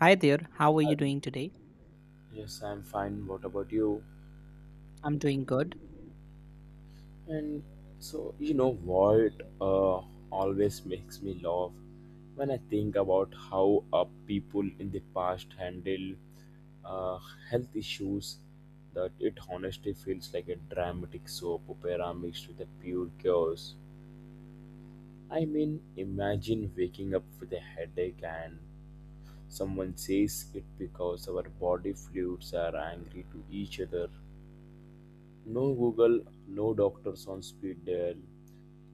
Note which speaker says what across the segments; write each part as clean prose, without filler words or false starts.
Speaker 1: Hi there, how are you doing today?
Speaker 2: Yes, I'm fine. What about you?
Speaker 1: I'm doing good.
Speaker 2: And so, you know what uh, always makes me laugh when I think about how people in the past handle uh, health issues that it honestly feels like a dramatic soap opera mixed with a pure chaos. I mean, imagine waking up with a headache and someone says it because our body fluids are angry to each other. No Google, no doctors on speed dial,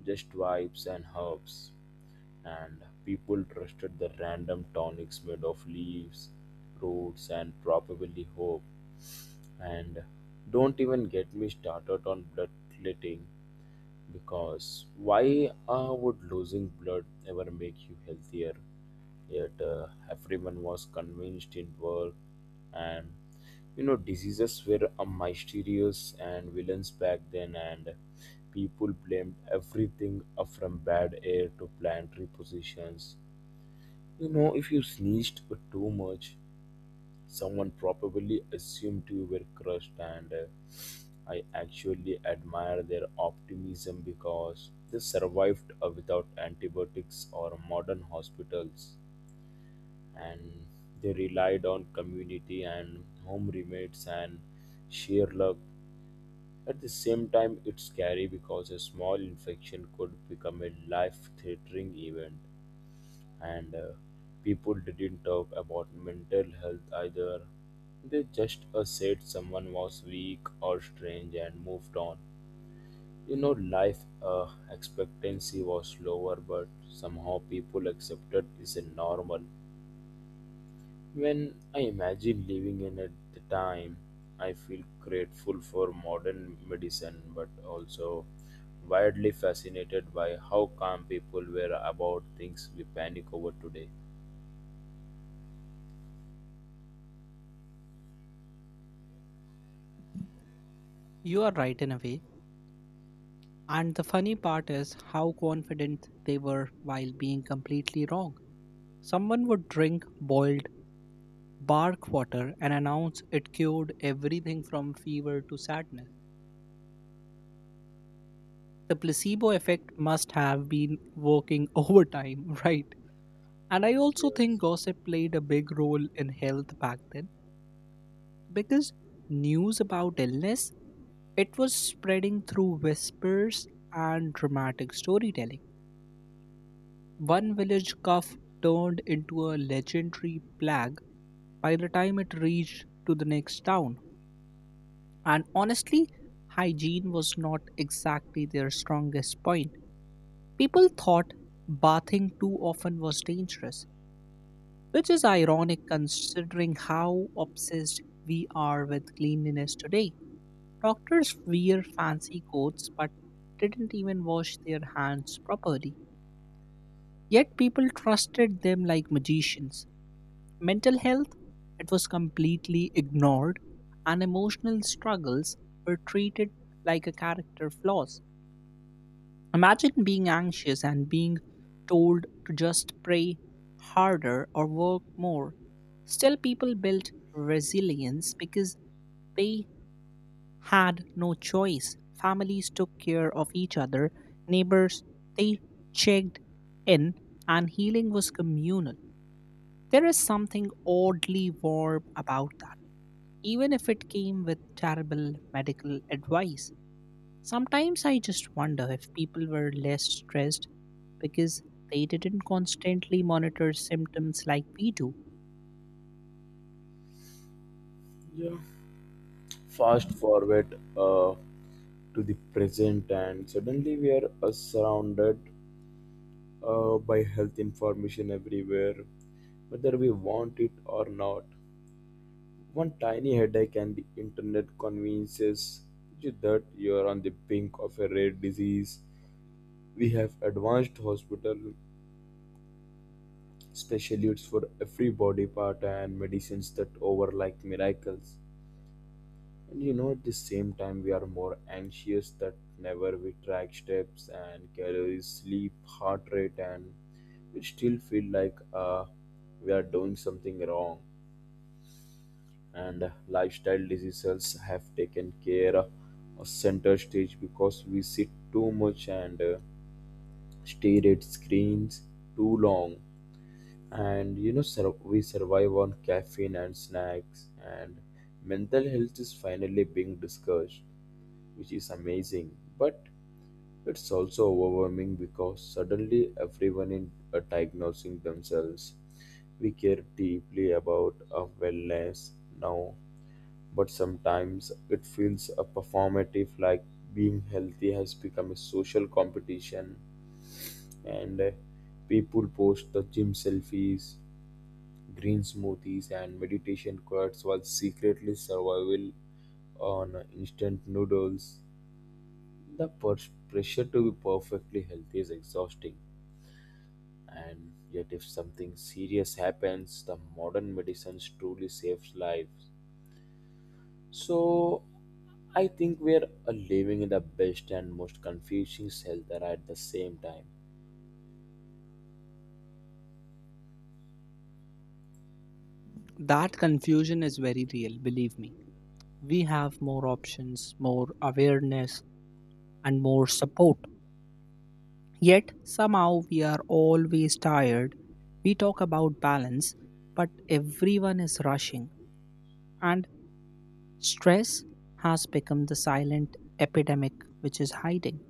Speaker 2: just vibes and herbs. And people trusted the random tonics made of leaves, roots, and probably hope. And don't even get me started on blood clotting. Because why would losing blood ever make you healthier? Yet everyone was convinced it worked, and you know diseases were mysterious and villains back then, and people blamed everything from bad air to planetary positions. You know, if you sneezed too much, someone probably assumed you were crushed and. I actually admire their optimism because they survived without antibiotics or modern hospitals, and they relied on community and home remedies and sheer luck. At the same time, it's scary because a small infection could become a life threatening event, and people didn't talk about mental health either. They just said someone was weak or strange and moved on. You know, life expectancy was lower, but somehow people accepted is a normal. When I imagine living in at the time, I feel grateful for modern medicine, but also widely fascinated by how calm people were about things we panic over today.
Speaker 1: You are right in a way. And the funny part is how confident they were while being completely wrong. Someone would drink boiled bark water and announce it cured everything from fever to sadness. The placebo effect must have been working overtime, right? And I also
Speaker 2: Yes.
Speaker 1: think gossip played a big role in health back then because news about illness It was spreading through whispers and dramatic storytelling. One village cough turned into a legendary plague by the time it reached to the next town. And honestly, hygiene was not exactly their strongest point. People thought bathing too often was dangerous, which is ironic considering how obsessed we are with cleanliness today. Doctors wear fancy coats but didn't even wash their hands properly. Yet people trusted them like magicians. Mental health, it was completely ignored, and emotional struggles were treated like a character flaws. Imagine being anxious and being told to just pray harder or work more. Still, people built resilience because they had no choice. Families took care of each other, neighbors, they checked in, and healing was communal. There is something oddly warm about that, even if it came with terrible medical advice. Sometimes I just wonder if people were less stressed because they didn't constantly monitor symptoms like we do.
Speaker 2: Yeah. Fast forward to the present, and suddenly we are surrounded by health information everywhere, whether we want it or not. One tiny headache and the internet convinces you that you are on the brink of a rare disease. We have advanced hospital specialists for every body part and medicines that over like miracles. And you know, at the same time, we are more anxious that never we track steps and calories, sleep, heart rate, and we still feel like we are doing something wrong. And lifestyle diseases have taken care of a center stage because we sit too much and stare at screens too long. And you know, we survive on caffeine and snacks, and mental health is finally being discussed, which is amazing, but it's also overwhelming because suddenly everyone is diagnosing themselves. We care deeply about our wellness now, but sometimes it feels a performative like being healthy has become a social competition and people post the gym selfies, green smoothies and meditation quotes while secretly survival on instant noodles. The pressure to be perfectly healthy is exhausting, and yet, if something serious happens, the modern medicines truly saves lives. So, I think we are living in the best and most confusing shelter at the same time.
Speaker 1: That confusion is very real, believe me. We have more options, more awareness, and more support. Yet somehow we are always tired. We talk about balance, but everyone is rushing, and stress has become the silent epidemic which is hiding.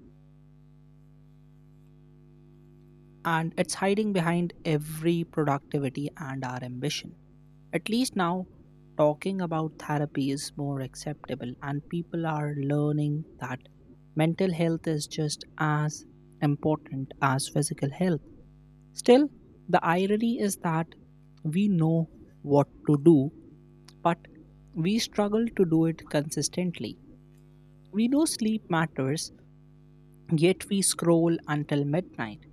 Speaker 1: And it's hiding behind every productivity and our ambition. At least now, talking about therapy is more acceptable, and people are learning that mental health is just as important as physical health. Still, the irony is that we know what to do, but we struggle to do it consistently. We know sleep matters, yet we scroll until midnight.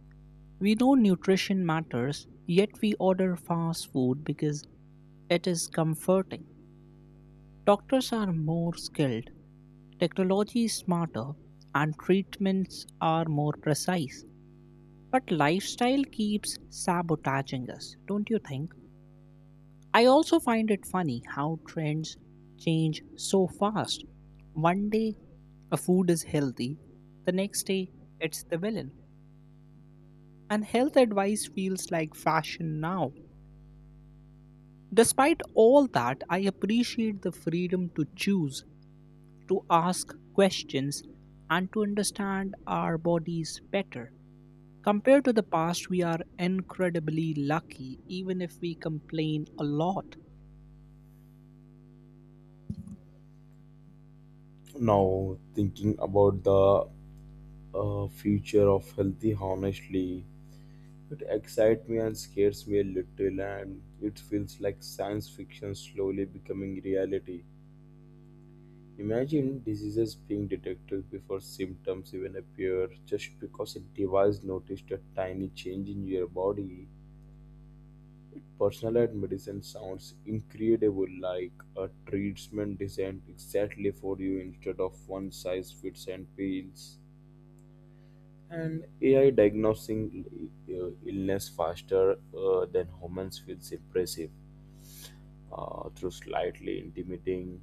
Speaker 1: We know nutrition matters, yet we order fast food because it is comforting. Doctors are more skilled, technology is smarter, and treatments are more precise. But lifestyle keeps sabotaging us, don't you think? I also find it funny how trends change so fast. One day a food is healthy, the next day it's the villain. And health advice feels like fashion now. Despite all that, I appreciate the freedom to choose, to ask questions, and to understand our bodies better. Compared to the past, we are incredibly lucky, even if we complain a lot.
Speaker 2: Now, thinking about the future of healthy, honestly, it excites me and scares me a little, and it feels like science fiction slowly becoming reality. Imagine diseases being detected before symptoms even appear just because a device noticed a tiny change in your body. Personalized medicine sounds incredible like a treatment designed exactly for you instead of one size fits and pills. And AI diagnosing illness faster than humans feels impressive, through slightly intimidating.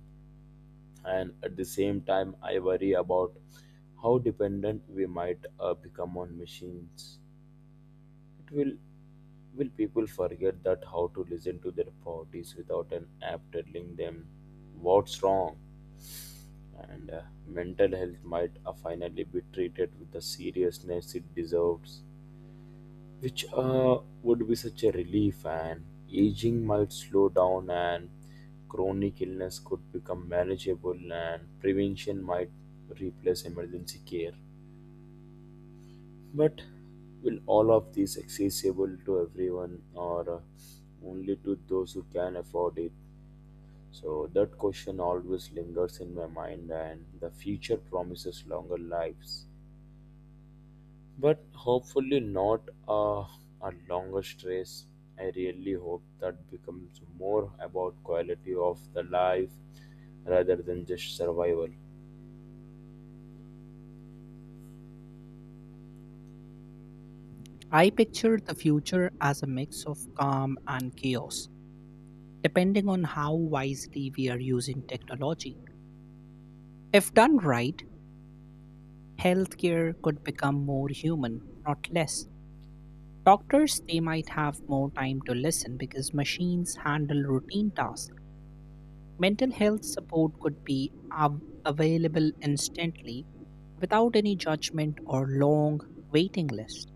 Speaker 2: And at the same time, I worry about how dependent we might become on machines. It Will people forget that how to listen to their bodies without an app telling them what's wrong? And mental health might finally be treated with the seriousness it deserves, which would be such a relief. And aging might slow down, and chronic illness could become manageable, and prevention might replace emergency care. But will all of these accessible to everyone, or only to those who can afford it? So that question always lingers in my mind, and the future promises longer lives. But hopefully not a longer stress. I really hope that becomes more about quality of the life rather than just survival.
Speaker 1: I picture the future as a mix of calm and chaos, depending on how wisely we are using technology. If done right, healthcare could become more human, not less. Doctors, they might have more time to listen because machines handle routine tasks. Mental health support could be available instantly without any judgment or long waiting list.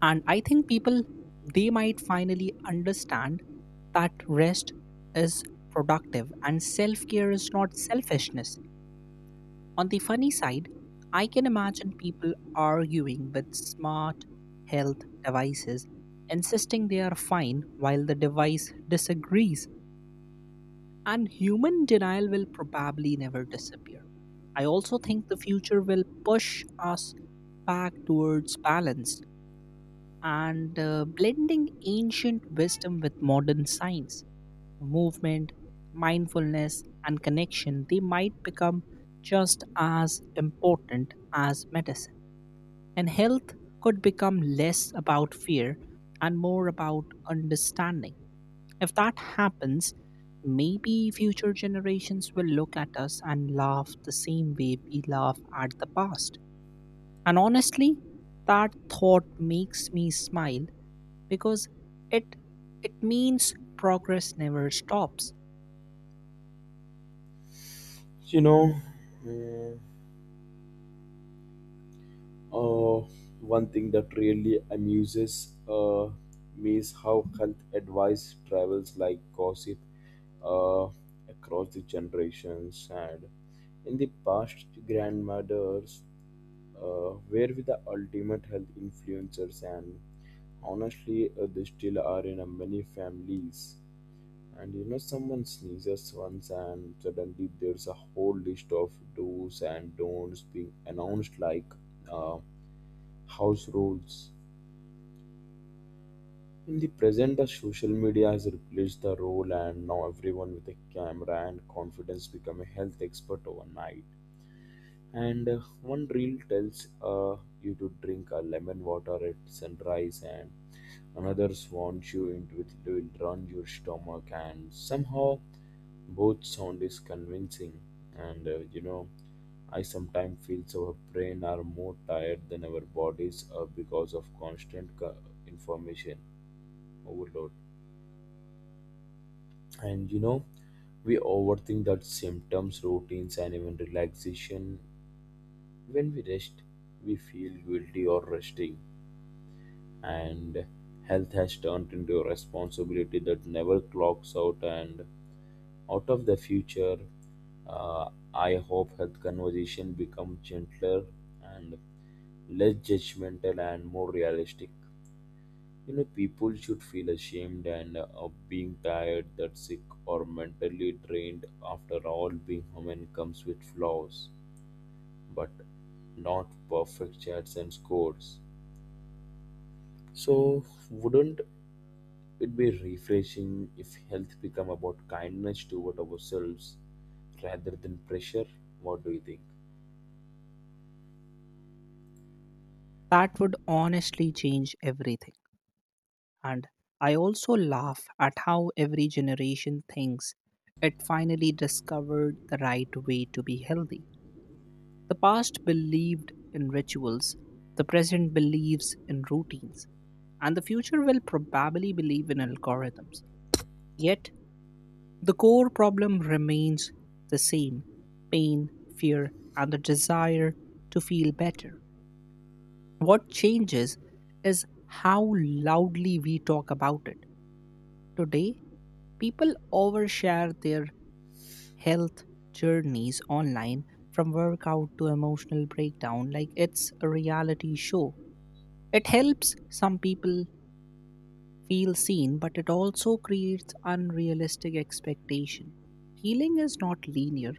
Speaker 1: And I think people they might finally understand that rest is productive and self-care is not selfishness. On the funny side, I can imagine people arguing with smart health devices, insisting they are fine while the device disagrees, and human denial will probably never disappear. I also think the future will push us back towards balance and blending ancient wisdom with modern science, movement, mindfulness, and connection, they might become just as important as medicine. And health could become less about fear and more about understanding. If that happens, maybe future generations will look at us and laugh the same way we laugh at the past. And honestly, that thought makes me smile because it it means progress never stops.
Speaker 2: You know, mm, Uh, One thing that really amuses me is how health advice travels like gossip uh, across the generations. And in the past, grandmothers were with the ultimate health influencers, and honestly, they still are in many families. And you know, someone sneezes once, and suddenly there's a whole list of do's and don'ts being announced, like. Uh, house rules. In the present, the social media has replaced the role, and now everyone with a camera and confidence become a health expert overnight. And one reel tells you to drink a lemon water at sunrise, and another swans you into it to it runs your stomach, and somehow both sound is convincing. And you know, I sometimes feel so our brain are more tired than our bodies because of constant information overload. And you know, we overthink that symptoms, routines, and even relaxation. When we rest, we feel guilty or resting. And health has turned into a responsibility that never clocks out. And out of the future, I hope health conversation become gentler and less judgmental and more realistic. You know, people should feel ashamed and of being tired that sick or mentally drained. After all, being human comes with flaws, but not perfect chats and scores. So wouldn't it'd be refreshing if health become about kindness toward ourselves rather than pressure. What do you think?
Speaker 1: That would honestly change everything. And I also laugh at how every generation thinks it finally discovered the right way to be healthy. The past believed in rituals, the present believes in routines, and the future will probably believe in algorithms. Yet the core problem remains the same: pain, fear, and the desire to feel better. What changes is how loudly we talk about it. Today, people overshare their health journeys online, from workout to emotional breakdown, like it's a reality show. It helps some people feel seen, but it also creates unrealistic expectation. Healing is not linear,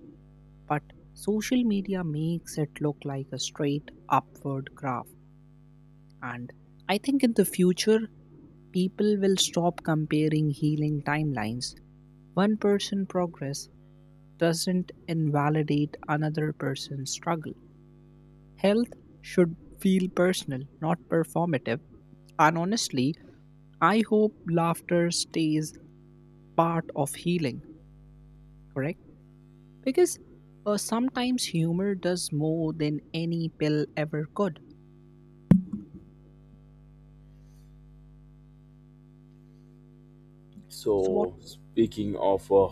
Speaker 1: but social media makes it look like a straight upward graph. And I think in the future, people will stop comparing healing timelines. One person progress doesn't invalidate another person's struggle. Health should feel personal, not performative. And honestly, I hope laughter stays part of healing, correct? Because sometimes humor does more than any pill ever could. So, what
Speaker 2: So, speaking of uh,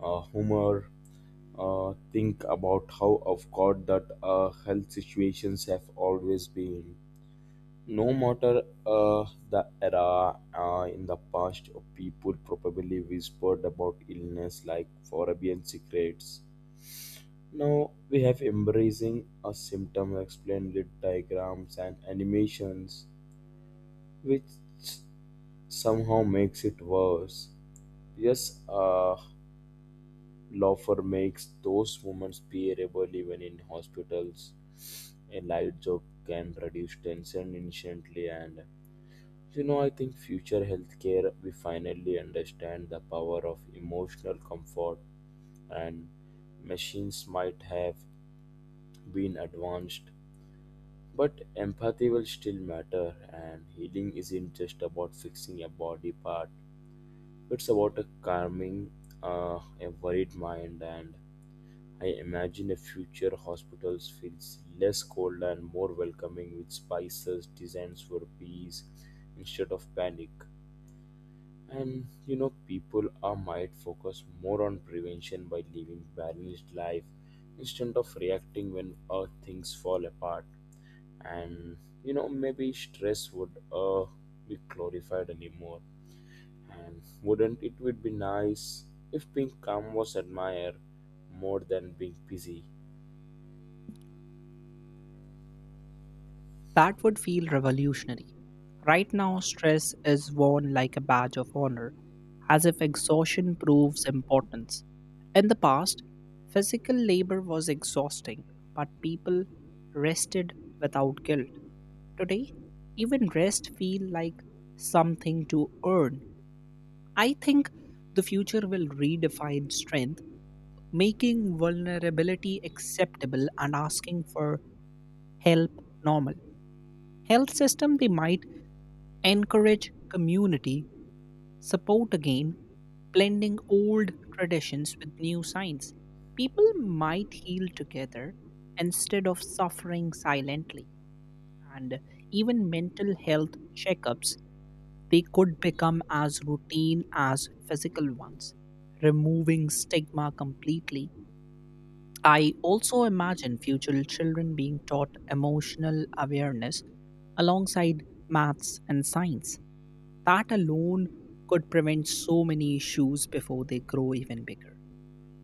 Speaker 2: uh, humor, think about how of awkward that health situations have always been. No matter the era, in the past, people probably whispered about illness like Forabian secrets. Now we have embracing a symptom explained with diagrams and animations, which somehow makes it worse. Yes, laughter makes those moments bearable even in hospitals. A light joke can reduce tension instantly, and you know, I think future healthcare we finally understand the power of emotional comfort, and machines might have been advanced. But empathy will still matter, and healing isn't just about fixing a body part. It's about a calming, a worried mind, and I imagine a future hospitals feels less cold and more welcoming with spices designed for peace instead of panic. And you know, people are might focus more on prevention by living balanced life instead of reacting when things fall apart. And you know, maybe stress would be glorified anymore. And wouldn't it would be nice if being calm was admired more than being busy.
Speaker 1: That would feel revolutionary. Right now, stress is worn like a badge of honor, as if exhaustion proves importance. In the past, physical labor was exhausting, but people rested without guilt. Today, even rest feels like something to earn. I think the future will redefine strength, making vulnerability acceptable and asking for help normal. Health system they might encourage community support again, blending old traditions with new science. People might heal together instead of suffering silently, and even mental health checkups they could become as routine as physical ones, removing stigma completely. I also imagine future children being taught emotional awareness alongside maths and science. That alone could prevent so many issues before they grow even bigger.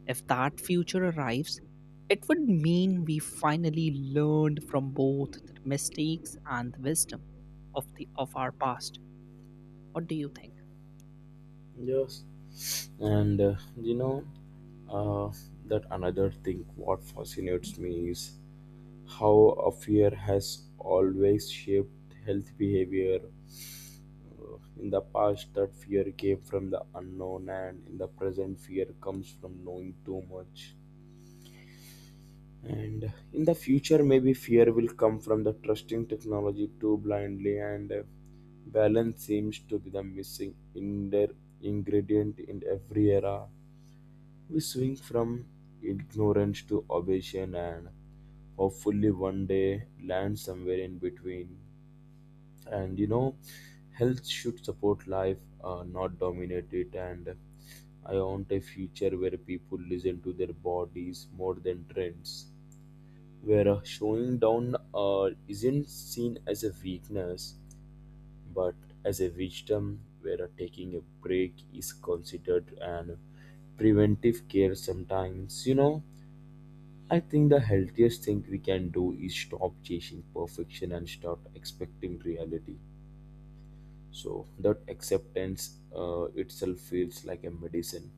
Speaker 1: If that future arrives, it would mean we finally learned from both the mistakes and the wisdom of the of our past. What do you think?
Speaker 2: Yes. And you know, uh, that another thing what fascinates me is how a fear has always shaped health behavior. In the past that fear came from the unknown, and in the present fear comes from knowing too much. And in the future, maybe fear will come from the trusting technology too blindly, and balance seems to be the missing in their ingredient in every era. We swing from ignorance to obsession, and hopefully, one day, land somewhere in between. And you know, health should support life, not dominate it. And I want a future where people listen to their bodies more than trends, where showing down isn't seen as a weakness but as a wisdom, where taking a break is considered an preventive care sometimes. You know, I think the healthiest thing we can do is stop chasing perfection and start expecting reality, so that acceptance itself feels like a medicine.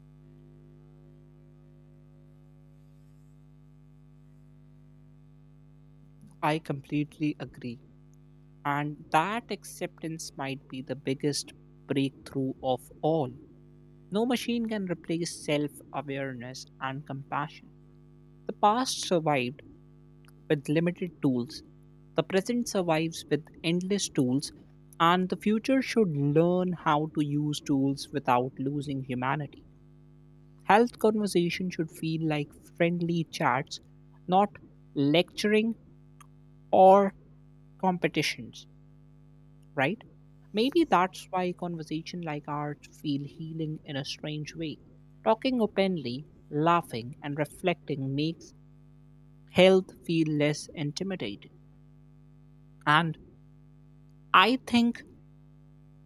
Speaker 1: I completely agree. And that acceptance might be the biggest breakthrough of all. No machine can replace self awareness and compassion. The past survived with limited tools. The present survives with endless tools, and the future should learn how to use tools without losing humanity. Health conversation should feel like friendly chats, not lecturing or competitions, right? Maybe that's why conversation like ours feel healing in a strange way. Talking openly, laughing, and reflecting makes health feel less intimidating. And I think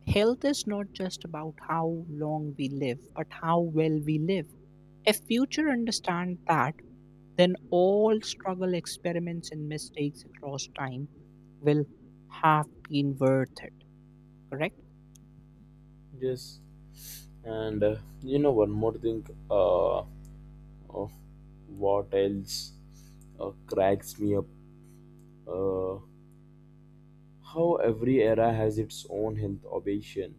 Speaker 1: health is not just about how long we live, but how well we live. If future understand that, then all struggle, experiments, and mistakes across time will have been worth it. Correct?
Speaker 2: Yes, and you know, one more thing, uh, of what else cracks me up uh, how every era has its own health obsession,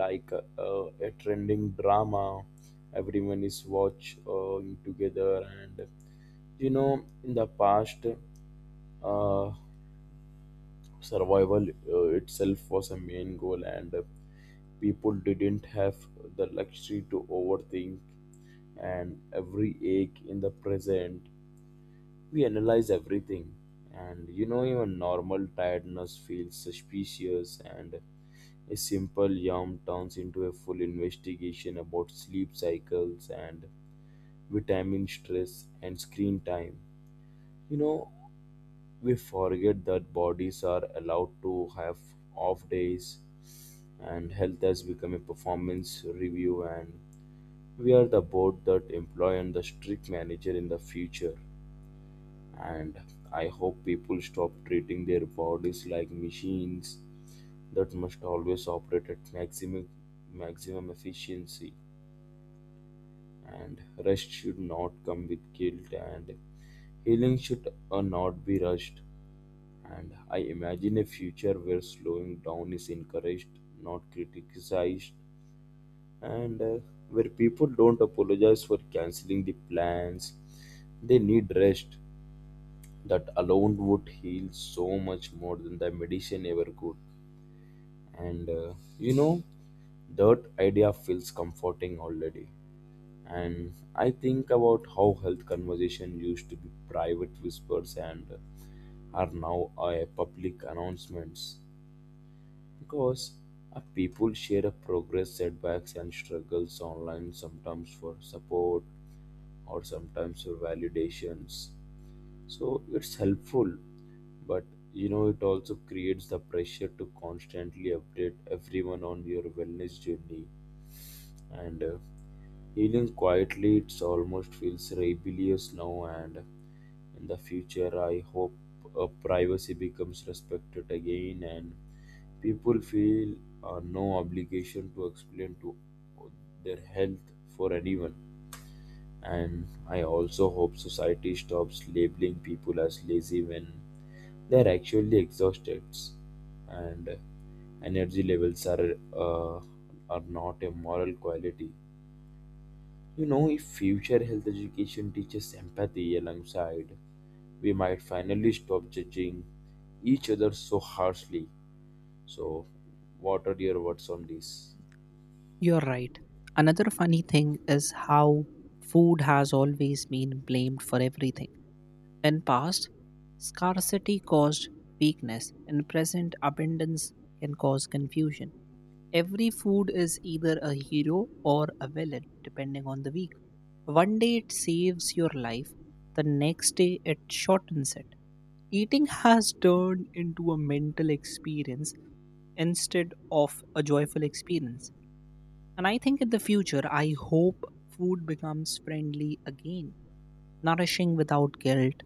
Speaker 2: like a trending drama everyone is watching together. And you know, in the past, uh, survival itself was a main goal, and people didn't have the luxury to overthink and every ache in the present. We analyze everything, and you know, even normal tiredness feels suspicious, and a simple yawn turns into a full investigation about sleep cycles and vitamin stress and screen time. You know, we forget that bodies are allowed to have off days, and health has become a performance review, and we are the board that employ and the strict manager in the future. And I hope people stop treating their bodies like machines that must always operate at maximum efficiency. And rest should not come with guilt, and healing should not be rushed. And I imagine a future where slowing down is encouraged, not criticized, and where people don't apologize for canceling the plans they need rest. That alone would heal so much more than the medicine ever could. And you know, that idea feels comforting already. And I think about how health conversation used to be private whispers and are now public announcements, because people share a progress setbacks and struggles online, sometimes for support or sometimes for validations. So it's helpful, but you know, it also creates the pressure to constantly update everyone on your wellness journey. And healing quietly it's almost feels rebellious now. And in the future, I hope privacy becomes respected again, and people feel no obligation to explain to their health for anyone. And I also hope society stops labeling people as lazy when they are actually exhausted, and energy levels are not a moral quality. You know, if future health education teaches empathy alongside, we might finally stop judging each other so harshly. So, what are your words on this?
Speaker 1: You're right. Another funny thing is how food has always been blamed for everything. In past, scarcity caused weakness. In present, abundance can cause confusion. Every food is either a hero or a villain, depending on the week. One day it saves your life, the next day it shortens it. Eating has turned into a mental experience instead of a joyful experience. And I think in the future, I hope food becomes friendly again, nourishing without guilt.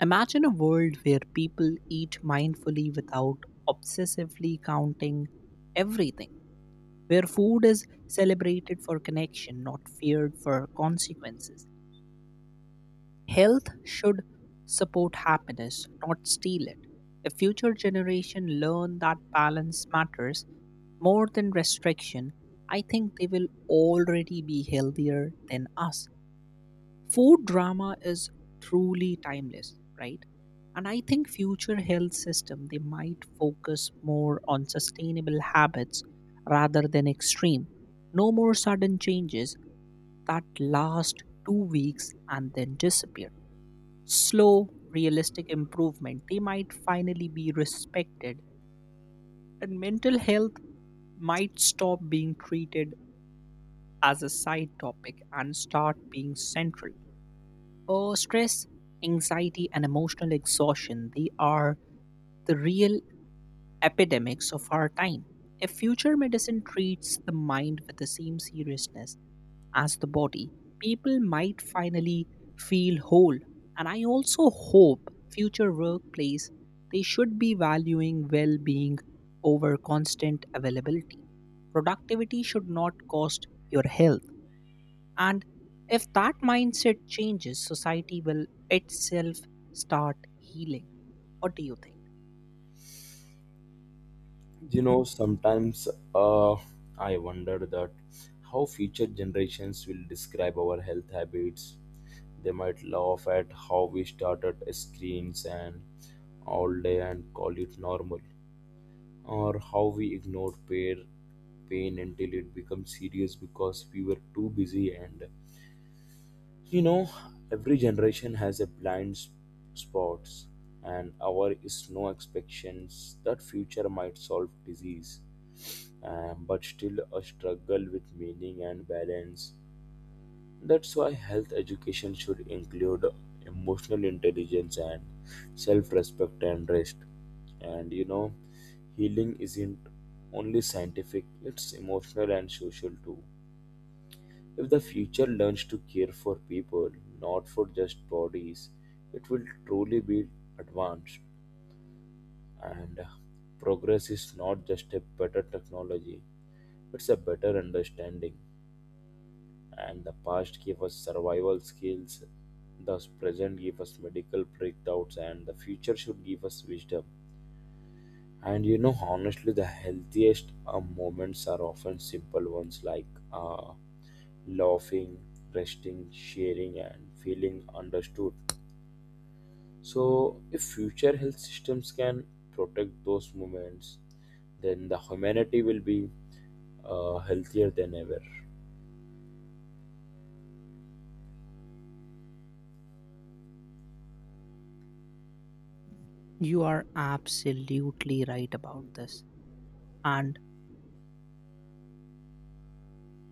Speaker 1: Imagine a world where people eat mindfully without obsessively counting everything, where food is celebrated for connection, not feared for consequences. Health should support happiness, not steal it. If future generation learn that balance matters more than restriction, I think they will already be healthier than us. Food drama is truly timeless, right? And I think future health system they might focus more on sustainable habits rather than extreme. No more sudden changes that last 2 weeks and then disappear. Slow realistic improvement they might finally be respected. And mental health might stop being treated as a side topic and start being central. Oh, stress, anxiety, and emotional exhaustion, they are the real epidemics of our time. If future medicine treats the mind with the same seriousness as the body, people might finally feel whole. And I also hope future workplace they should be valuing well-being over constant availability. Productivity should not cost your health. And if that mindset changes, society will itself start healing. What do you think?
Speaker 2: You know, sometimes, uh, I wonder that how future generations will describe our health habits. They might laugh at how we started screens and all day and call it normal, or how we ignored pain until it becomes serious because we were too busy. And you know, every generation has a blind spots, and our is no expectations that future might solve disease, but still a struggle with meaning and balance. That's why health education should include emotional intelligence and self respect and rest. And you know, healing isn't only scientific, it's emotional and social too. If the future learns to care for people, not for just bodies, it will truly be advanced. And progress is not just a better technology, it's a better understanding. And the past gave us survival skills, thus present gave us medical breakthroughs, and the future should give us wisdom. And you know, honestly, the healthiest moments are often simple ones, like uh, laughing, resting, sharing, and feeling understood. So if future health systems can protect those moments, then the humanity will be healthier than ever.
Speaker 1: You are absolutely right about this. And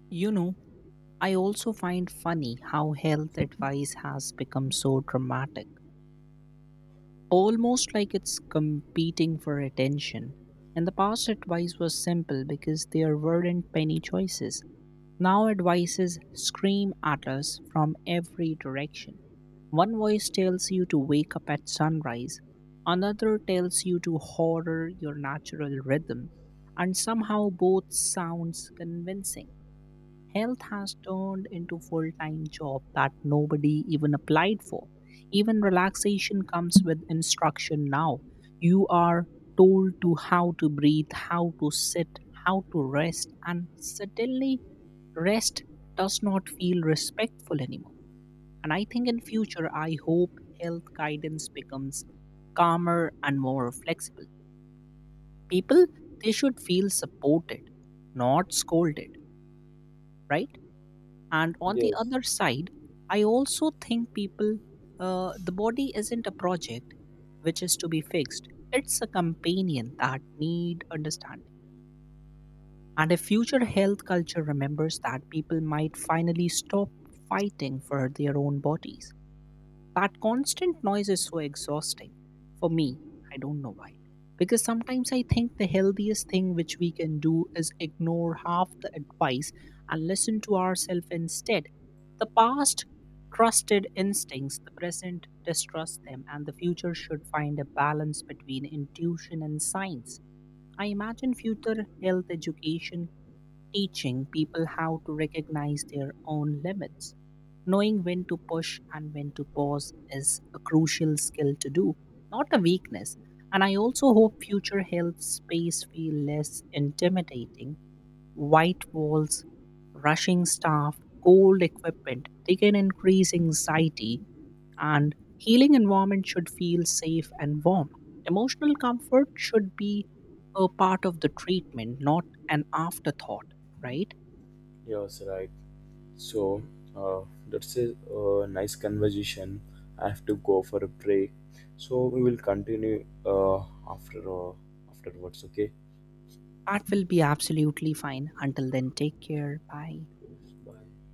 Speaker 1: you know, I also find funny how health advice has become so dramatic, almost like it's competing for attention. In the past, advice was simple because there weren't many choices. Now advices scream at us from every direction. One voice tells you to wake up at sunrise, another tells you to horror your natural rhythm, and somehow both sounds convincing. Health has turned into full-time job that nobody even applied for. Even relaxation comes with instruction now. You are told to how to breathe, how to sit, how to rest, and suddenly rest does not feel respectful anymore. And I think in future, I hope health guidance becomes calmer and more flexible. People, they should feel supported, not scolded, right? And on the
Speaker 2: Yes.
Speaker 1: other side, I also think people, the body isn't a project which is to be fixed. It's a companion that need understanding. And a future health culture remembers that people might finally stop fighting for their own bodies. That constant noise is so exhausting. For me, I don't know why. Because sometimes I think the healthiest thing which we can do is ignore half the advice and listen to ourselves instead. The past trusted instincts, the present distrusts them, and the future should find a balance between intuition and science. I imagine future health education teaching people how to recognize their own limits. Knowing when to push and when to pause is a crucial skill to do, not a weakness. And I also hope future health space feel less intimidating. White walls, rushing staff, cold equipment. They can increase anxiety, and healing environment should feel safe and warm. Emotional comfort should be a part of the treatment, not an afterthought, right?
Speaker 2: Yes, right. So uh, that's a nice conversation. I have to go for a break. So we will continue after uh, afterwards. Okay.
Speaker 1: That will be absolutely fine. Until then, take care. Bye.
Speaker 2: Bye.